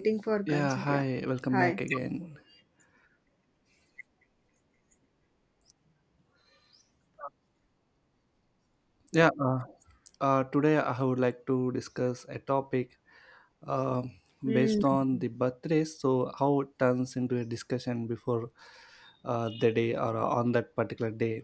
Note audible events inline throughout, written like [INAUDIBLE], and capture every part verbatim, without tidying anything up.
Waiting for Yeah, consent. Yeah. hi, welcome back Hi. again. Yeah, uh, uh, today I would like to discuss a topic uh, based on the birthdays, so how it turns into a discussion before uh, the day or uh, on that particular day.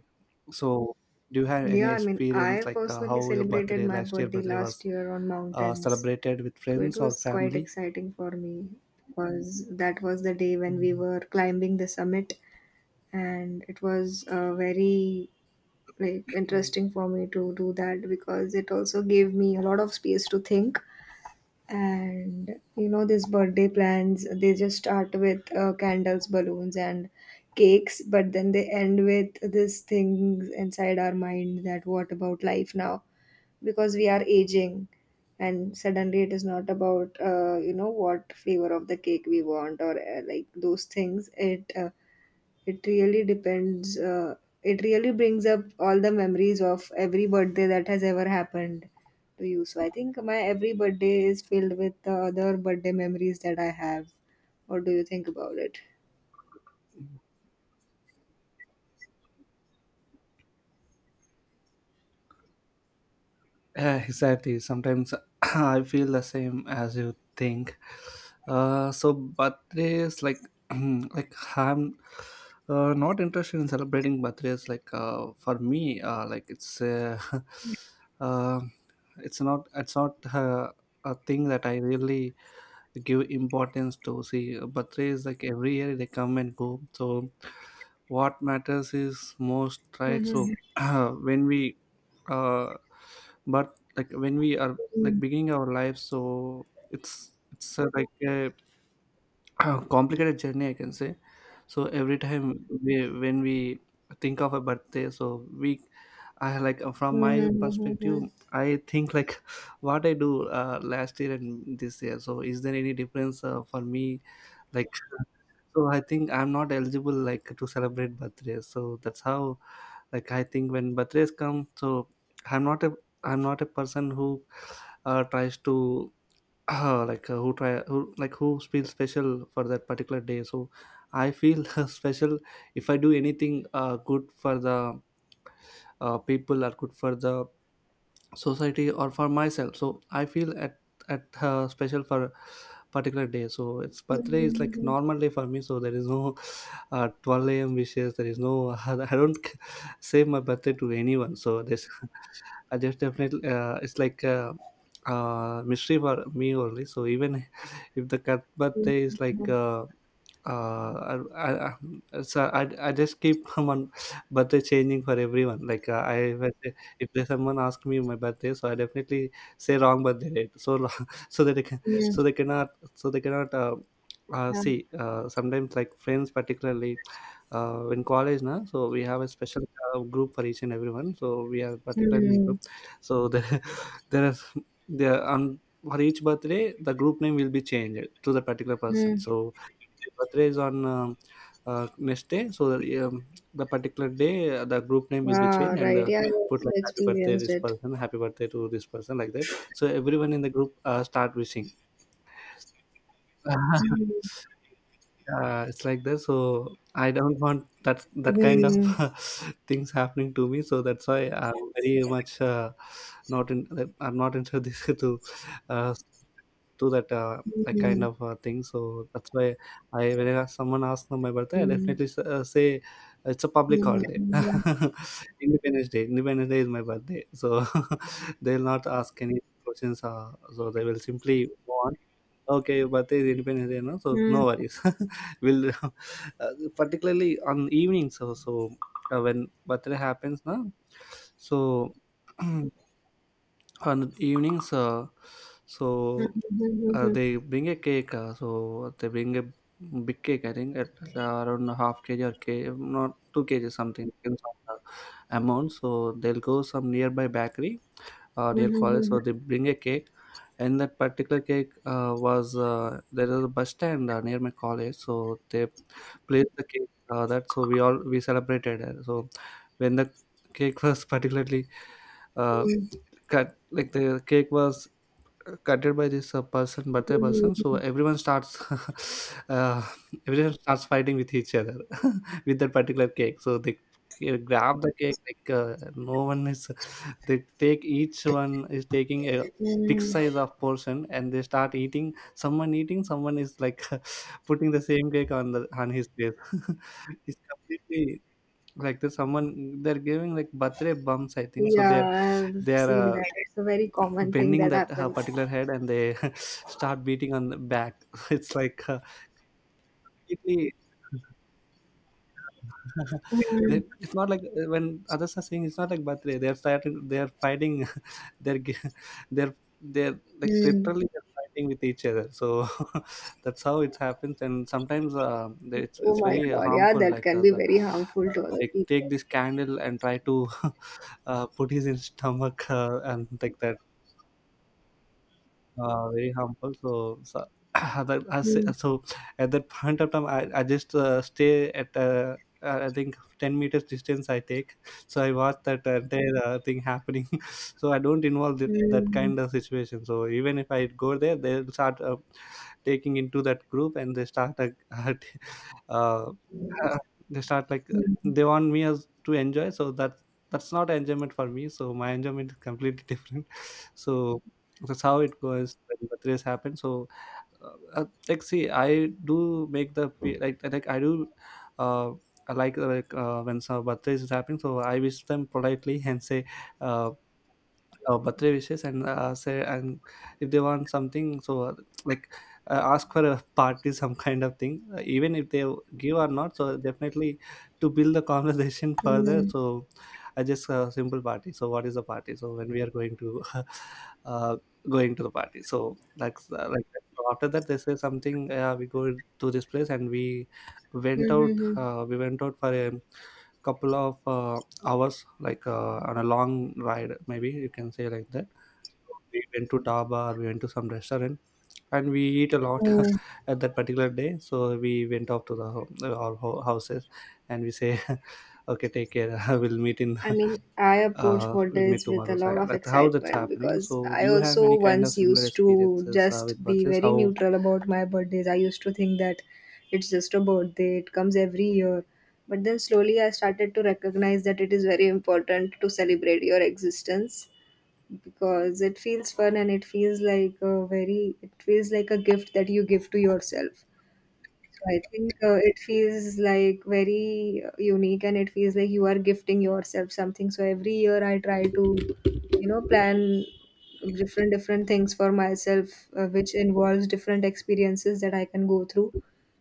So, do you have Yeah, any I mean, I experience like uh, personally how your celebrated birthday, my last year birthday birthday, last was year on uh, mountains. celebrated with So it friends or was quite family? exciting for me because that was the day when we were climbing the summit and it was uh, very like interesting for me to do that because it also gave me a lot of space to think and you know these birthday plans, they just start with uh, candles, balloons and cakes, but then they end with this thing inside our mind that what about life now, because we are aging. And suddenly it is not about uh, you know, what flavor of the cake we want, or uh, like those things. It uh, it really depends. Uh, it really brings up all the memories of every birthday that has ever happened to you. So I think my every birthday is filled with the other birthday memories that I have. What do you think about it? Yeah, exactly. Sometimes [CLEARS THROAT] I feel the same as you think. Uh, so birthdays like [CLEARS THROAT] like I'm uh, not interested in celebrating birthdays. Like uh, for me, uh, like it's uh, [LAUGHS] uh, it's not it's not uh, a thing that I really give importance to. See, birthdays like every year they come and go. So what matters is most, right? Hmm. So [CLEARS THROAT] when we uh but like when we are like beginning our life, so it's it's uh, like a [CLEARS THROAT] complicated journey, I can say. So every time we when we think of a birthday, so we I like uh, from my perspective, Hmm. I think like [LAUGHS] what I do uh, last year and this year, so is there any difference uh, for me, like [LAUGHS] so I think I'm not eligible like to celebrate birthdays, so that's how, like, I think when birthdays come, so i'm not a I'm not a person who uh, tries to [CLEARS THROAT] uh, like uh, who try who like who feels special for that particular day. So I feel [LAUGHS] special if I do anything uh, good for the uh, people or good for the society or for myself, so I feel at at uh, special for particular day. So it's birthday is like normal day for me, so there is no at twelve a m wishes. There is no, [LAUGHS] I don't [LAUGHS] say my birthday to anyone. So this, [LAUGHS] I just definitely, uh, it's like a, uh mystery for me only. So even [LAUGHS] if the cat birthday is like uh, uh, I, I, so I, I just keep [LAUGHS] on birthday changing for everyone. Like uh, I if I say- if there's someone ask me my birthday, so I definitely say wrong birthday date. So lo- [LAUGHS] so that they can so they cannot so they cannot uh, uh, see. Uh, sometimes like friends particularly uh, in college now. So we have a special uh, group for each and everyone. So we are particularly in group. So there [LAUGHS] there is there on for each birthday the group name will be changed to the particular Hmm. person. So birthday is on um, uh, next day, so that, um, the particular day uh, the group name will be Ah, changed, and right. uh, Yeah, I put also like happy birthday experienced this it. person, happy birthday to this person, like that. So everyone in the group uh, start wishing. Hmm. [LAUGHS] Uh, it's like that. So I don't want that that kind of Hmm. [LAUGHS] things happening to me. So that's why I'm very much uh, not in. I'm not into this [LAUGHS] to uh, do that uh, that kind Hmm. of uh, thing. So that's why I when I, someone asks for my birthday, I Hmm. definitely s- uh, say it's a public holiday. [LAUGHS] Hmm. Independence Day. Independence Day is my birthday, so [LAUGHS] they'll not ask any questions. Uh, so they will simply go on. Okay, your birthday is Independence Day, no? So Hmm. no worries. [LAUGHS] we'll [LAUGHS] uh, Particularly on evenings. So so uh, when birthday happens, now so. [CLEARS THROAT] On evenings uh, Yeah, so uh, they bring a cake, uh, so they bring a big cake, I think at, at around a half kg or k, not two k g, something depends on the amount, so they'll go some nearby bakery or near college, so they bring a cake. And that particular cake uh, was uh, there was a bus stand uh, near my college, so they placed the cake, uh, that so we all we celebrated, uh, so when the cake [LAUGHS] was particularly uh, cut, like the cake was uh, cutted by this uh, person birthday person, so everyone starts [LAUGHS] uh, everyone starts fighting with each other [LAUGHS] with that particular cake. So they c- grab the cake, like uh, no one is they take each one is taking a big size of portion and they start eating. Someone eating, someone is like [LAUGHS] putting the same cake on the on his plate, [LAUGHS] it's completely like the someone, they're giving like birthday bumps, I think, so they're I've they're seen uh, that. It's a very common thing bending that that uh, happens. particular head, and they [LAUGHS] start beating on the back. [LAUGHS] It's like uh, completely [LAUGHS] Mm. they, it's not like uh, when others are saying, it's not like birthday they're starting they're fighting. [LAUGHS] they're gi- they're they're like Mm. literally they're fighting with each other, so [LAUGHS] that's how it happens. And sometimes uh, they- it's, Oh it's my very God, yeah, harmful, that like can uh, be the very harmful uh, to other they people. take this candle and try to [LAUGHS] uh, put his in stomach, uh, and like that, uh, very harmful. So, so [CLEARS THROAT] that I say- Mm. so at that point of time, I, I just uh, stay at uh, uh, I think ten meters distance I take. So I watch that entire uh, thing happening. [LAUGHS] So I don't involve that, that Mm. kind of situation. So even if I go there, they'll start. Uh, taking into that group and they start like [LAUGHS] uh, [LAUGHS] they start like uh, Mm. they want me as to enjoy, so that that's not enjoyment for me, so my enjoyment is completely [LAUGHS] different, so that's how it goes when birthdays happen. So uh, uh, like see, I do make the pe- like like i do uh I like like uh, when some birthdays is happening, so I wish them politely and say uh, uh, birthday wishes, and uh, say, and if they want something, so uh, like uh, ask for a party, [LAUGHS] some kind of thing, uh, even if they give or not, so definitely to build the [LAUGHS] conversation further, Mm. so I just uh, simple party, so what is the party, so when we are going to [LAUGHS] uh, going to the party, so that's uh, like that. So after that they say something, uh, we go to this place, and we went out Mm. uh, we went out for a couple of uh, hours, like uh, on a long ride, maybe you can say like that. We went to Dhaba or we went to some restaurant, and we eat a lot Mm. [LAUGHS] at that particular day. So we went off to the home, our ho- houses, and we say, [LAUGHS] okay, take care. [LAUGHS] we'll meet in, I mean, I [LAUGHS] approach uh, we'll meet birthdays with a tomorrow. So lot of that's how that's excitement happening. because So I do you have also any kind of once similar used to experiences uh, with just be buses? very How? neutral about my birthdays. I used to think that it's just a birthday, it comes every year. But then slowly I started to recognize that it is very important to celebrate your existence, because it feels fun and it feels like a very, it feels like a gift that you give to yourself. So I think uh, it feels like very uh, unique, and it feels like you are gifting yourself something. So every year I try to, you know, plan different different things for myself, uh, which involves different experiences that I can go through,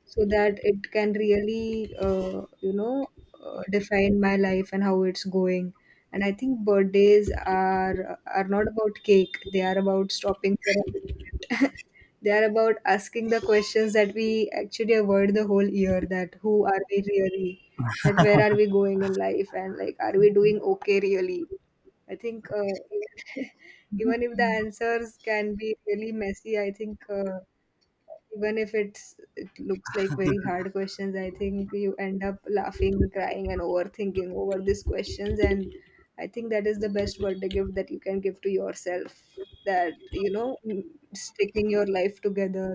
so that it can really, uh, you know, uh, define my life and how it's going. And I think birthdays are are not about cake; they are about stopping for a moment. [LAUGHS] They are about asking the questions that we actually avoid the whole year, that who are we really? That where are we going in life? And like, are we doing okay really? I think uh, [LAUGHS] even if the answers can be really messy, I think uh, even if it's it looks like very hard questions, I think you end up laughing, crying and overthinking over these questions. And I think that is the best birthday gift that you can give to yourself, that you know, mm, sticking your life together,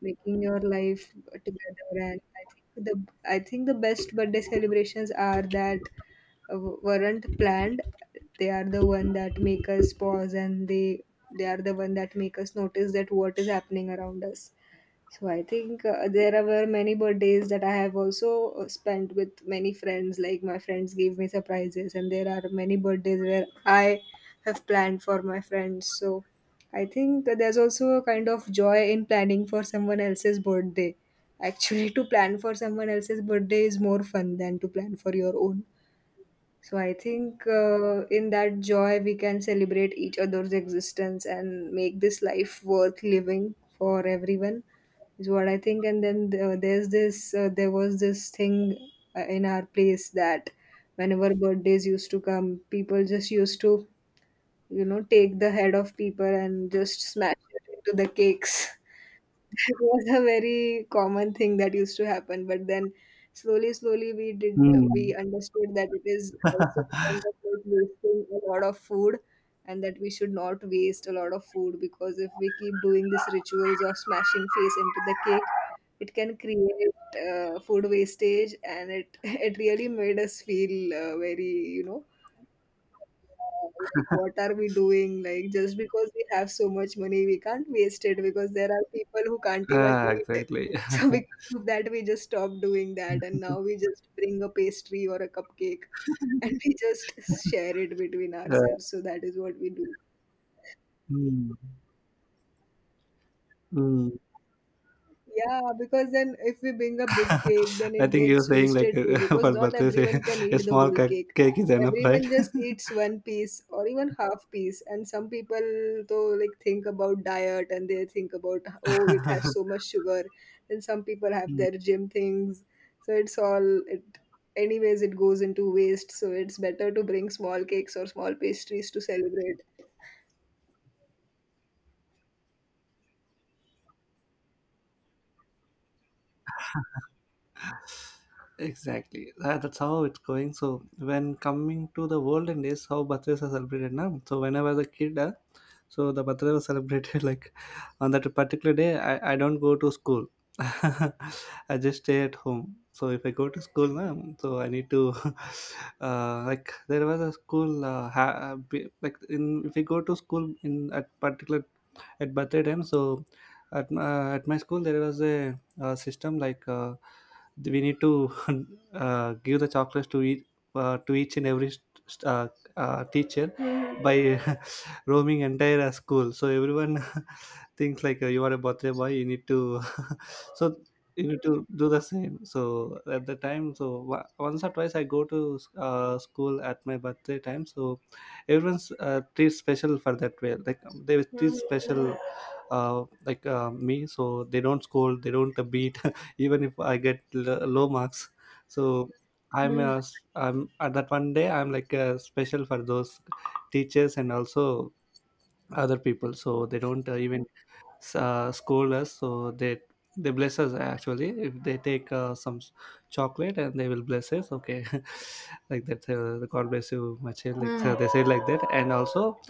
making your life together. And I think the I think the best birthday celebrations are that uh, weren't planned. They are the one that make us pause, and they they are the one that make us notice that what is happening around us. So I think uh, there were many birthdays that I have also uh, spent with many friends. Like my friends gave me surprises, and there are many birthdays where I have planned for my friends. So I think that there's also a kind of joy in planning for someone else's birthday. Actually, [LAUGHS] to plan for someone else's birthday is more fun than to plan for your own. So I think uh, in that joy we can celebrate each other's existence and make this life worth living for everyone is what I think. And then uh, there's this uh, there was this thing uh, in our place that whenever birthdays used to come, people just used to, you know, take the head of people and just smash it into the cakes. [LAUGHS] It was a very common thing that used to happen, but then slowly, slowly we did Hmm. we understood that it is also kind of like wasting a lot of food, and that we should not waste a lot of food, because if we keep doing these rituals of smashing face into the cake, it can create uh, food wastage. And it [LAUGHS] it really made us feel uh, very, you know, like what are we doing? Like just because we have so much money, we can't waste it, because there are people who can't even Ah, eat. exactly. [LAUGHS] So [LAUGHS] because of that, we just stop doing that, and now we just bring a pastry or a cupcake, and [LAUGHS] we just share it between Uh, ourselves. So that is what we do. Hmm. Hmm. Yeah, because then if we bring a big cake, then [LAUGHS] I it think you're gets saying like wasted too, uh, [LAUGHS] because for not birthday, say everyone can a eat the small whole cake, cake. cake is enough, right? Everyone just eats one piece or even half piece, and some people though like think about diet, and they think about, oh, it has [LAUGHS] so much sugar. Then some people have Mm. their gym things, so it's all it. Anyways, it goes into waste, so it's better to bring small cakes or small pastries to celebrate. Exactly. That, that's how it's going. So when coming to the olden days, how birthdays are celebrated now. So when I was a kid, uh, so the birthday was celebrated [LAUGHS] like on that particular day. I, I don't go to school. [LAUGHS] I just stay at home. So if I go to school now, so I need to [LAUGHS] uh, like there was a school uh, ha- be- like, in if we go to school in at particular at birthday time. So at my, at my school there was a, uh system, like. Uh, we need to [LAUGHS] uh, give the chocolates to each uh, to each and every st- uh, uh, teacher Mhm, by [LAUGHS] roaming entire uh, school, so everyone [LAUGHS] things like uh, you are a birthday boy, you need to [LAUGHS] so you need to do the same, so at the time, so wa- once or twice I go to uh, school at my birthday time, so everyone's uh, treat special for that way, like um, they mhm, treat mhm, special uh, like uh, me, so they don't scold, they don't uh, beat [LAUGHS] even if I get l- low marks, so i'm mhm. uh, s- I'm at that one day, I'm like uh, special for those teachers and also other people, so they don't uh, even s- uh, scold us, so they they bless us, actually, if they take uh, some s- chocolate, and they will bless us, okay, [LAUGHS] like that, uh, the god bless you my child, like, so Mm, they said like that. And also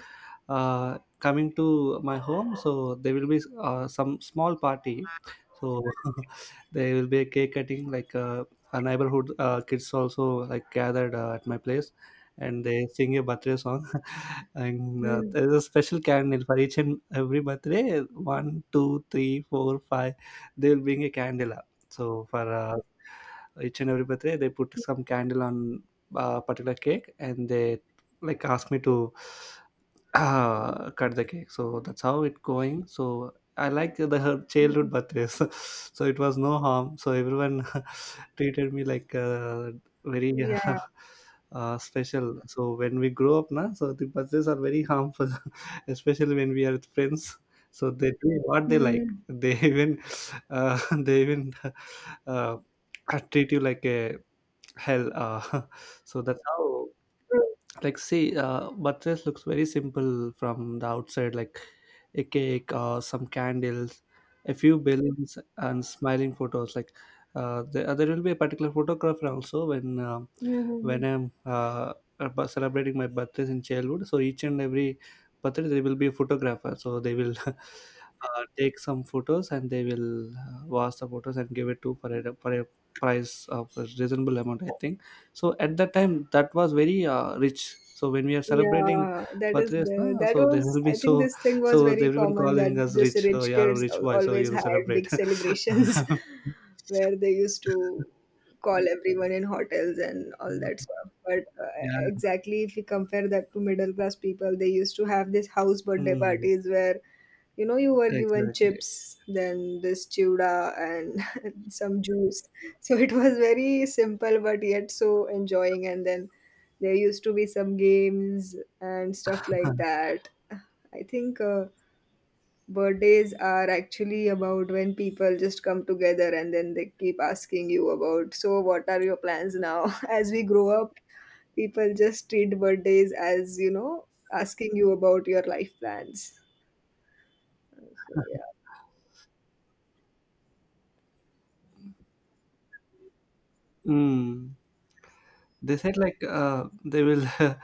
uh, coming to my home, so there will be uh, some small party, so [LAUGHS] there will be a cake cutting, like uh, a neighborhood uh, kids also like gathered uh, at my place, and they sing a birthday song [LAUGHS] and mm, uh, mm. there's a special candle for each and every birthday, one two three four five, they will bring a candle up. So for uh, each and every birthday they put some candle on a particular cake and they like ask me to Ah, cut the cake. So that's how it going. So I like the her childhood Mhm. birthdays. [LAUGHS] So it was no harm. So everyone [LAUGHS] treated me like uh, very Yeah. uh, [LAUGHS] uh, special. So when we grow up, na, so the birthdays are very harmful, [LAUGHS] especially when we are with friends. So they do what they like. 嗯，They [LAUGHS] even uh, [LAUGHS] they even uh, uh, treat you like a hell. Uh, [LAUGHS] so that's how 嗯，like see uh buttress looks very simple from the outside like a cake or some candles, a few balloons and smiling photos like uh, there, uh, there will be a particular photographer also when uh, 嗯嗯 when 嗯。i'm uh, about celebrating my birthdays in childhood. So each and every birthday there will be a photographer, so they will [LAUGHS] uh, take some photos and they will uh, wash the photos and give it to for a, for a price of a reasonable amount, I think. So at that time, that was very uh, rich. So when we are celebrating Yeah, that is birthdays, there. na, That so there was, will be I [LAUGHS] think so this thing was so very everyone common, that calling us this rich. So rich you are a kids rich al- boy, so always you'll had celebrate. big celebrations [LAUGHS] where they used to call everyone in hotels and all that stuff. But uh, [LAUGHS] Yeah. exactly, if you compare that to middle class people, they used to have this house birthday Mm, parties where, you know, you were given exactly. chips, then this chewda and [LAUGHS] some juice. So it was very simple but yet so enjoying, and then there used to be some games and stuff like [LAUGHS] that. I think uh, birthdays are actually about when people just come together, and then they keep asking you about, so what are your plans now? [LAUGHS] As we grow up, people just treat birthdays as, you know, asking you about your life plans. So, yeah. Mm. They said like uh, they will. [LAUGHS]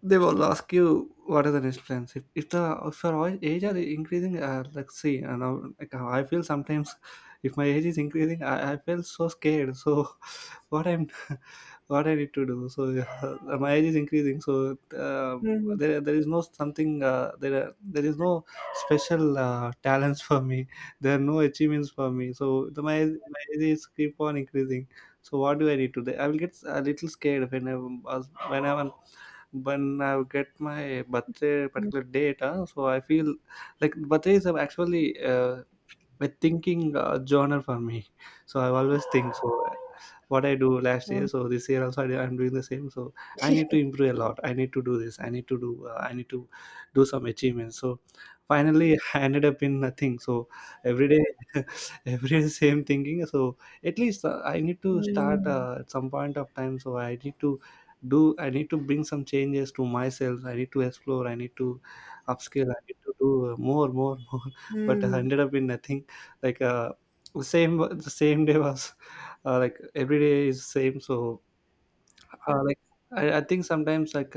They will ask you what are the next plans if, if the if your oi- age are increasing, uh, like see uh, now like how I feel sometimes if my age is increasing, i, I feel so scared. So [LAUGHS] what i'm what I need to do. So uh, [LAUGHS] my age is increasing, so uh, Hmm. there there is no something, uh, there are- there is no special uh, talents for me, there are no achievements for me, so the my, my age is keep on increasing. So what do I need to do? I will get a little scared when I when I'm when I get my birthday particular date, uh, so I feel like birthday is actually uh, my thinking uh, genre for me. So I always think so. uh, What I do last year, Hmm. so this year also I, do- I'm doing the same. So I need to improve a lot. I need to do this. I need to do. Uh, I need to do some achievements. So finally, [LAUGHS] I ended up in nothing. So every day, [LAUGHS] every day same thinking. So at least uh, I need to start Hmm. uh, at some point of time. So I need to do. I need to bring some changes to myself. I need to explore. I need to upskill. I need to do uh, more, more, [LAUGHS] more. But I Hmm. ended up in nothing like uh, the same the same day was uh, like every day is same. So uh, like I, I think sometimes like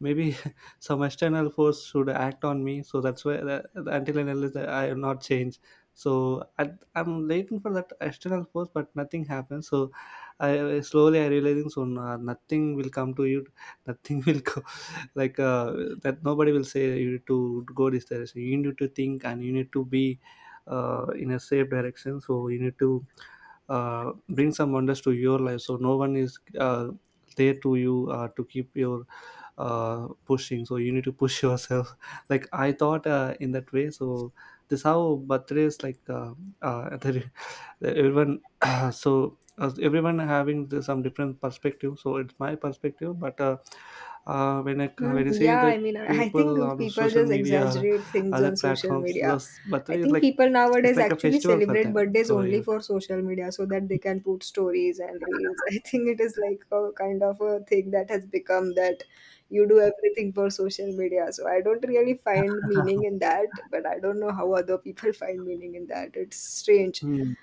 maybe [LAUGHS] some external force should act on me. So that's why, that until and unless I am not changed, so I, I'm waiting for that external force, but nothing happens. So I slowly I realizing, so no, nothing will come to you, [LAUGHS] nothing will go, like uh, that nobody will say you need to go this direction, you need to think and you need to be uh, in a safe direction, so you need to uh, bring some wonders to your life. So no one is uh, there to you uh, to keep your uh, pushing, so you need to push [LAUGHS] yourself. Like I thought uh, in that way. So this how birthdays like uh, uh, [LAUGHS] the, that everyone [CLEARS THROAT] so as everyone having the, some different perspective, so it's my perspective. But uh, uh, when I Hmm, when I see yeah, the I mean, [LAUGHS] I I people think on people social just media or exaggerate [LAUGHS] things other on social platforms, media. this I birthday is think like people it's nowadays like a actually festival for celebrate them. birthdays So only you for social media, so that they can put stories and reels. [LAUGHS] I think it is like a kind of a thing that has become that you do everything for social media. So I don't really find meaning in [LAUGHS] that, but I don't know how other people [LAUGHS] find meaning in that. It's strange. Mm,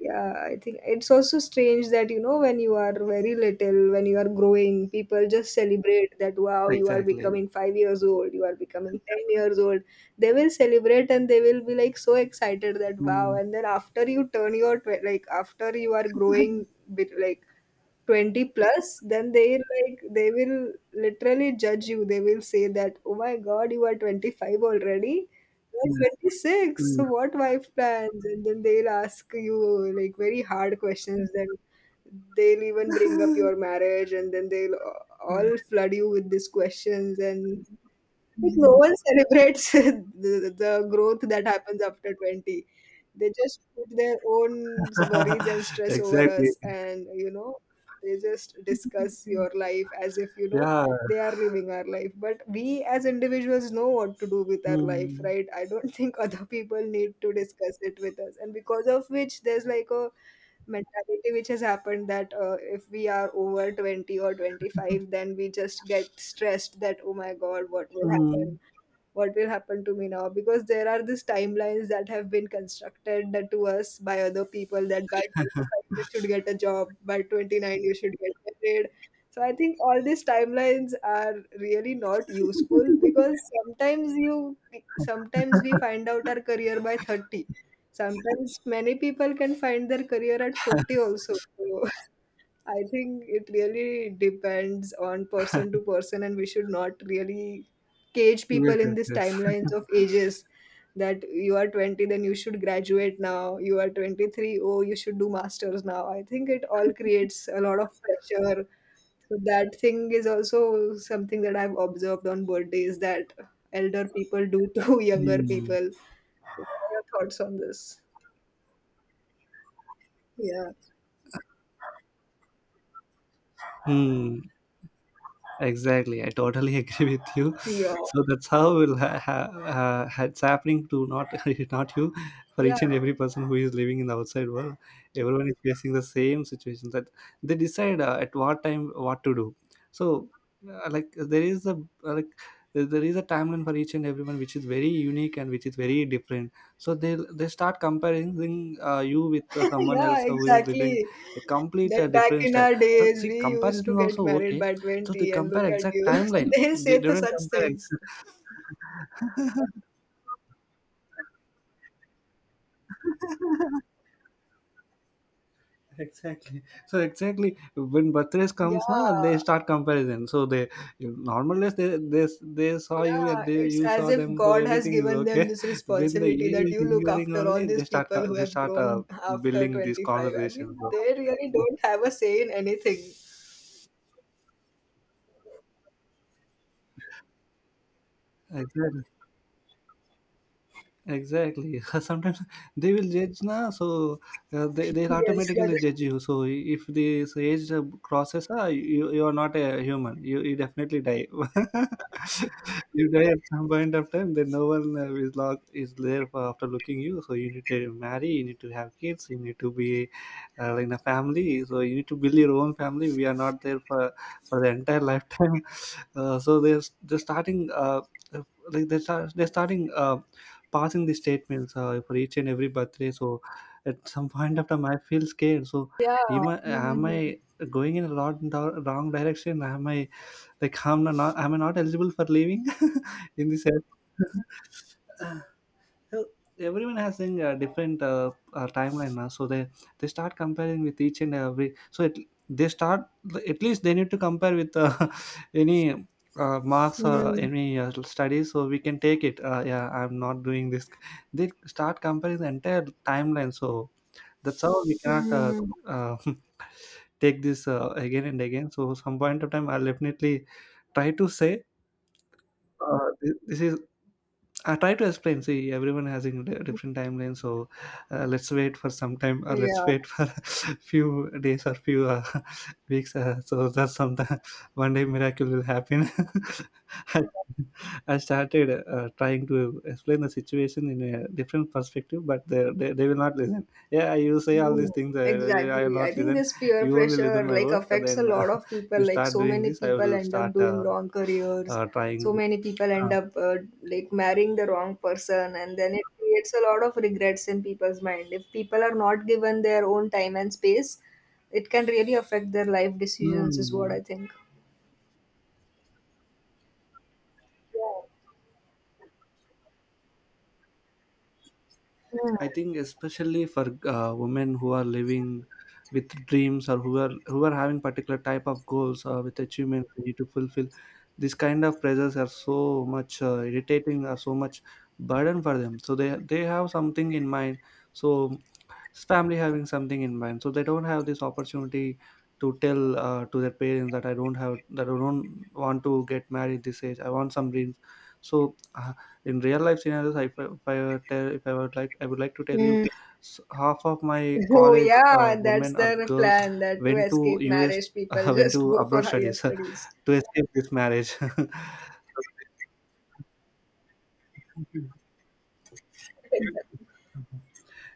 Yeah, I think it's also strange that, you know, when you are very little, when you are growing, people just celebrate that, wow, you are exactly. becoming five years old, you are becoming ten years old, they will celebrate and they will be like so excited that wow. Mm, And then after you turn your tw- like after you are growing bit like twenty plus, then they like they will literally judge you. They will say that, oh my god, you are twenty-five already, you're mm, twenty-six, mm. so what wife plans? And then they'll ask you like very hard questions. Then they'll even bring up your marriage, and then they'll a- all flood you with these questions, And like no one celebrates [LAUGHS] the, the growth that happens after twenty. They just put their own worries and [LAUGHS] stress over Exactly. us, and you know, they just discuss your life as if, you know, Yeah. they are living our life. But we as individuals know what to do with our life, Mm, right? I don't [LAUGHS] think other people need to discuss it with us. And because of which, there's like a mentality which has happened, that uh, if we are over twenty or twenty-five, then we just get stressed that, oh my god, what will happen, mm. what will happen to me now, because there are these timelines that have been constructed that to us by other people, that by twenty-five you should get a job, by twenty-nine you should get married. So I think all these timelines are really not useful, because sometimes you sometimes we find out our career by thirty, sometimes many people can find their career at forty also. So, I think it really depends on person to person, and we should not really cage Yes, people in yes, these yes. timelines of ages, that you are twenty, then you should graduate now, you are twenty-three, oh, you should do masters now. I think it all creates a lot of pressure. So, that thing is also something that I've observed on birthdays, that elder people do to [LAUGHS] [LAUGHS] younger Mm. people. What are your thoughts on this? Yeah. Mm. Exactly, I totally [LAUGHS] agree with you. Yeah. So that's how will ha- ha- uh, ha- it's happening to, not [LAUGHS] not you, for Yeah. each and every person who is living in the outside world. Everyone is facing the same situation, that they decide uh, at what time what to do. So uh, like there is a like there there is a timeline for each and everyone, which is very unique and which is very different. So they they start comparing uh, you with uh, someone else Yeah, who is living exactly. a complete That uh, back different in style. our So, days, see, we used comparison to is get also married okay, by so they twenty, and compare look at exact you. timeline. [LAUGHS] They say They the didn't such compare things. exact. [LAUGHS] Exactly. So exactly when birthdays Yeah, comes, na, they start comparison. So they normal days they, they they saw you yeah. and they It's you as saw if them. So God has everything is given them okay. this [LAUGHS] When the responsibility age that is you look increasing after all only, these they start people co- who they have start uh, grown after building these twenty-five. I mean, conversations. [LAUGHS] they really don't have a say in anything. Exactly. Exactly. [LAUGHS] Sometimes they will judge na, so uh, they Yes, they'll that automatically judge is. you. So if this age crosses, uh, you you are not a human. You you definitely die. [LAUGHS] You die at some point of time. Then no one uh, is log is there for after looking you. So you need to marry. You need to have kids. You need to be uh, in a family. So you need to build your own family. We are not there for for the entire lifetime. [LAUGHS] Uh, so there's they're starting. Uh, uh, like they're, start, they're starting. Uh, passing the statements uh, for each and every birthday. So at some point of time, I feel scared. So Yeah. am I, am Mm-hmm. I going in a lot in the wrong direction? Am I like I'm not am I not eligible for leaving [LAUGHS] in this? Sense? [LAUGHS] So everyone has in a uh, different uh, uh, timeline now, so they they start comparing with each and every. So it, they start, at least they need to compare with uh, [LAUGHS] any uh, marks or Mm-hmm. any uh, studies, so we can take it. Uh, yeah, I'm not doing this. They start comparing the entire timeline, so that's how we cannot uh, Mm-hmm. uh, [LAUGHS] take this uh, again and again. So some point of time, I'll definitely try to say uh, this, this is I try to explain. See, everyone has a di- different timeline, so uh, let's wait for some time, or let's Yeah. wait for [LAUGHS] few days or few uh, [LAUGHS] weeks. Uh, so that sometime [LAUGHS] one day miracle will happen. [LAUGHS] I, I started uh, trying to explain the situation in a different perspective, but they, they, they will not listen. Yeah, you say all these No, things. Uh, I will exactly. I not think listen. this peer You only listen pressure my like words, and affects a then uh, lot of [LAUGHS] people. you Like start so doing many this. I people will end up start doing uh, wrong careers. uh, So trying. many people end Uh, up uh, like marrying the wrong person, and then it creates a lot of regrets in people's mind. If people are not given their own time and space, it can really affect their life decisions. Is what Hmm. I think. Yeah. Hmm. I think especially for uh, women who are living with dreams or who are who are having particular type of goals or with achievements they need to fulfill, these kind of pressures are so much uh, irritating, are so much burden for them. So they they have something in mind. So family having something in mind, so they don't have this opportunity to tell uh, to their parents that i don't have that I don't want to get married this age, I want some dreams. So uh, in real life scenarios, if I, if I were tell, if I would like I would like to tell you, Mm. s- half of my Oh college yeah, uh, that's women or their girls plan. That to went to escape us marriage, [LAUGHS] people went just to go for abroad higher studies studies. [LAUGHS] to escape this marriage. [LAUGHS] [LAUGHS]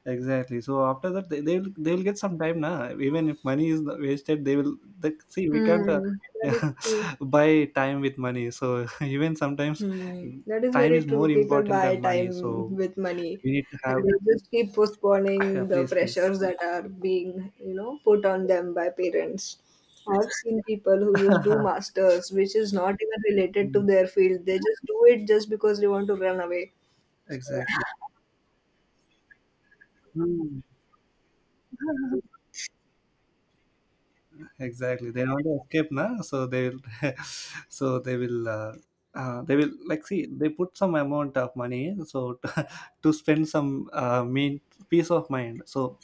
Exactly. So after that, they, they'll they'll get some time, na. Even if money is not wasted, they will. They, see, we can't uh, Hmm, that is true. [LAUGHS] buy time with money. So [LAUGHS] even sometimes, Hmm, that is time very is more true. People important buy than money. time So with money we need to and have. they just keep Yeah, postponing the please, please. pressures that are being, you know, put on them by parents. I've seen people who just do [LAUGHS] masters, which is not even related to Mm, their field. They just do it just because they want to run away. exactly. Mm. [LAUGHS] Exactly, they want to escape now, so they will [LAUGHS] so they will uh, uh, they will like see, they put some amount of money so [LAUGHS] to, to spend some uh, mean peace of mind. So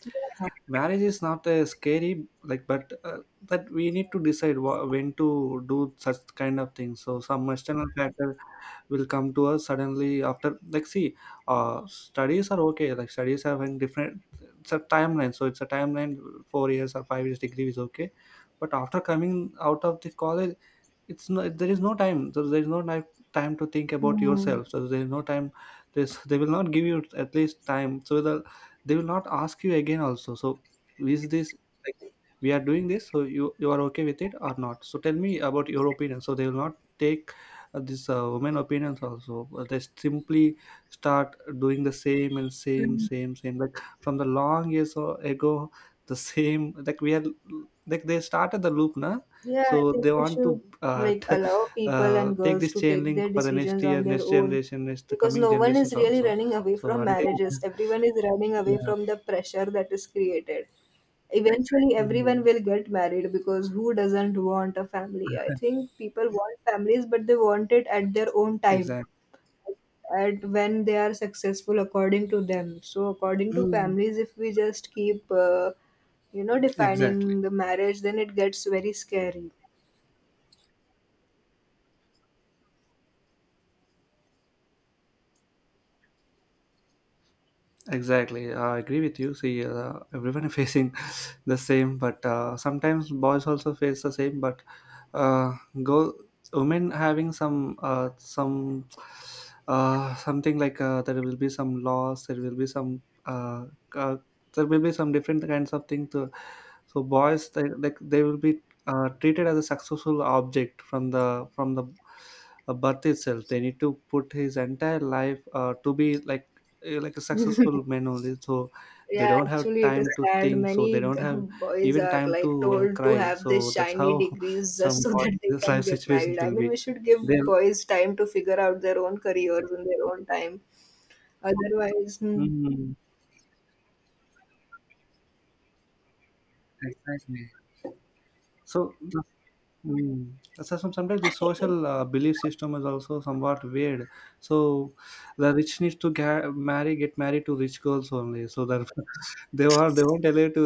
marriage is not a scary like but uh, that we need to decide wha- when to do such kind of things, so some external factor will come to us suddenly after like see, uh studies are okay, like studies have in different, it's a timeline, so it's a timeline. Four years or five years degree is okay, but after coming out of the college it's no, there is no time, so there is no ni- time to think about Hmm. yourself, so there is no time. This they will not give you at least time, so the, they will not ask you again also. So is this like we are doing this so you you are okay with it or not, so tell me about your opinion. So they will not take uh, this uh, women opinions also. Uh, they simply start doing the same and same same same like from the long years ago, the same like we are, like they started the loop na. Yeah, So I think they we want to should uh, [LAUGHS] like t- allow people uh, and take girls this to chain take their link for the next decisions year, on their next own generation, next because coming no one is generations really also. running away So from one day, marriages. Everyone is running away yeah. from the pressure that is created. Eventually, everyone Mhm. will get married because who doesn't want a family? I think people want families, but they want it at their own time Exactly. at when they are successful according to them. So according to Mhm. families, if we just keep uh, you know, defining Exactly. the marriage, then it gets very scary. Exactly, I agree with you. See, uh, everyone is facing [LAUGHS] the same, but uh, sometimes boys also face the same. But uh, go women having some uh, some uh, something like uh, there will be some loss, there will be some uh, uh, there will be some different kinds of things. To, so boys, they, like they will be uh, treated as a successful object from the from the uh, birth itself. They need to put his entire life uh, to be like uh, like a successful men only. So they Yeah, don't have actually it is time to sad, think, many so they [LAUGHS] don't g- have boys even are time like to uh, told to cry. have these So that's shiny how [LAUGHS] degrees just some so [LAUGHS] that they boys can life get married. situations I will mean, be, we should give they, boys time to figure out their own careers in their own time. Otherwise, hmm, mm, exactly. So the, mm. So some- sometimes the social uh, belief system is also somewhat weird. So the rich needs to ga- marry, get married to rich girls only. So that [LAUGHS] they are, they won't allow to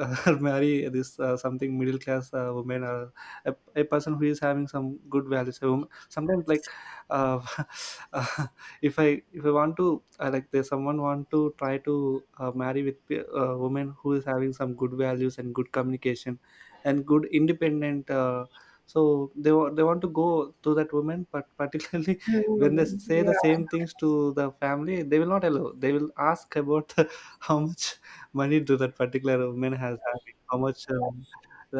uh, [LAUGHS] marry this uh, something middle class uh, woman or a, a person who is having some good values. A woman. Sometimes like uh, [LAUGHS] uh, if I if I want to uh, like there's someone want to try to uh, marry with pe- a woman who is having some good values and good communication and good independent. Uh, so they want they want to go to that woman, but particularly [LAUGHS] when they hmm, say the same yeah. things to the family, they will not allow. They will ask about the, [LAUGHS] how much money do that particular woman has, having how much, um,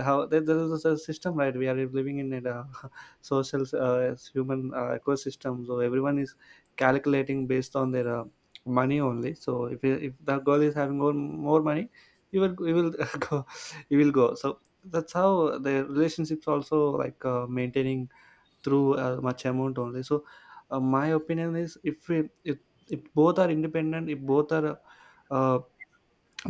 how there, there is a system, right? We are living in a [LAUGHS] social, uh, human uh, ecosystem. So everyone is calculating based on their uh, money only. So if if the girl is having more, more money, you will you will [LAUGHS] go, you will go. So that's how the relationships also like uh, maintaining through uh, much amount only. So uh, my opinion is if we if, if both are independent, if both are uh,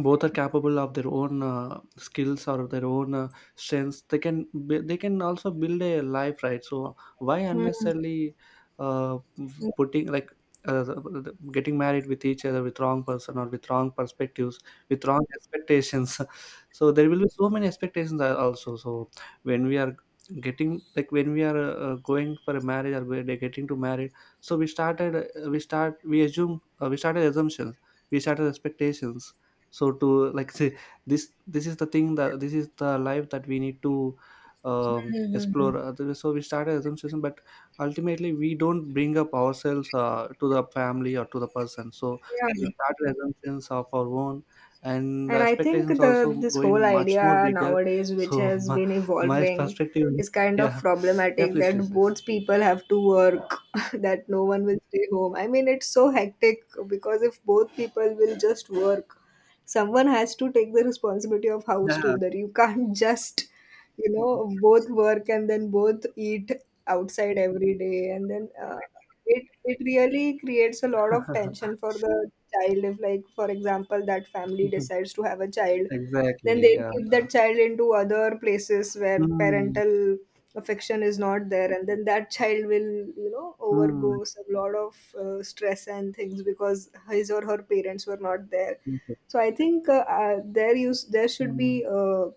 both are capable of their own uh, skills or their own uh, strengths, they can b- they can also build a life, right? So why Hmm. unnecessarily uh, Hmm, putting like uh, the- getting married with each other with wrong person or with wrong perspectives, with wrong expectations. [LAUGHS] So there will be so many expectations al- also. So when we are getting, like when we are uh, going for a marriage or we're getting to married, so we started uh, we start we assume, uh, we started assumptions, we started expectations. So to like say this, this is the thing that this is the life that we need to, um, hmm, hmm, hmm. explore. Other- so we started assumption, but ultimately we don't bring up ourselves uh, to the family or to the person. So we Yeah. started assumptions of our own, and the And I think expectations the also this whole going much more idea bigger. nowadays, which So [LAUGHS] has my, been my evolving, perspective is, is kind of yeah. Yeah, problematic please, that please, please. both people have to work, [LAUGHS] that no one will stay home. I mean, it's so hectic because if both people will just work, someone has to take the responsibility of house Yeah, too. That you can't [LAUGHS] just, you know, both work and then both eat outside every day, and then uh, it it really creates a lot of tension for the child if, like for example, that family [LAUGHS] decides to have a child, then exactly, they'll yeah. keep that child into other places where Mm, parental affection is not there, and then that child will, you know, overgo mm, a lot of uh, stress and things because his or her parents were not there. So I think uh, uh, there use there should mm, be a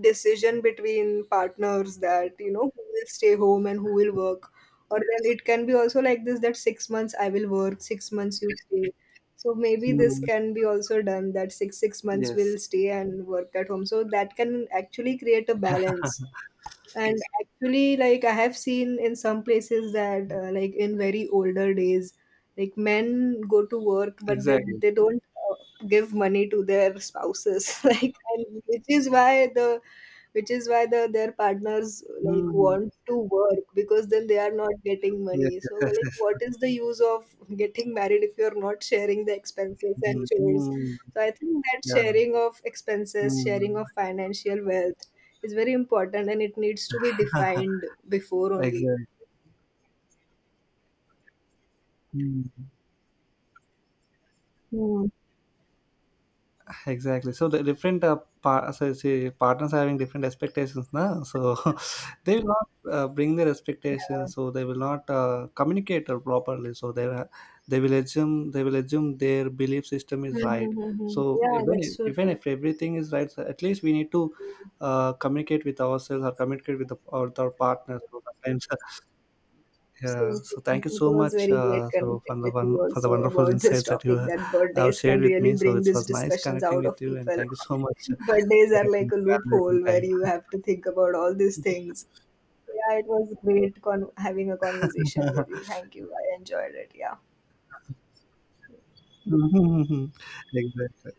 decision between partners that, you know, who will stay home and who will work, or then it can be also like this, that six months I will work, six months you stay. So maybe this mm. can be also done that six six months will Yes. stay and work at home. So that can actually create a balance. [LAUGHS] And actually, like I have seen in some places that uh, like in very older days, like men go to work, but they Exactly. they don't uh, give money to their spouses, [LAUGHS] like, and which is why the, which is why the their partners like Mm. want to work because then they are not getting Yes, money. yes, So yes, like, what yes. is the use of getting married if you're not sharing the expenses and Mm, chores? mm, So I think that yeah. sharing of expenses, sharing Mm. of financial wealth is very important and it needs to be [LAUGHS] defined before only. Exactly. Mm. Hmm. Exactly. So the different uh, par- so say partners are having different expectations now. So [LAUGHS] they will not uh, bring their Yeah. expectations. So they will not uh, communicate uh, properly. So they will- they will assume, they will assume their belief system is right. Mm-hmm. So Yeah, even that's if, so even true. if everything is right, so at least we need to uh, communicate with ourselves or communicate with, the, or with our partners. So sometimes [LAUGHS] Same, yeah, same. so thank you It so was much very great uh, so connecting for the with you one for the also wonderful about [LAUGHS] this insights that you topic, ha- that have birthdays can shared with really me. So bring it these was nice discussions connecting out with of you, and people. thank you so much for Birthdays are your like a valuable loophole where time. you have to think about all these things. Yeah, it was great con- having a conversation with you. Thank you. I enjoyed it. Yeah. [LAUGHS] Exactly.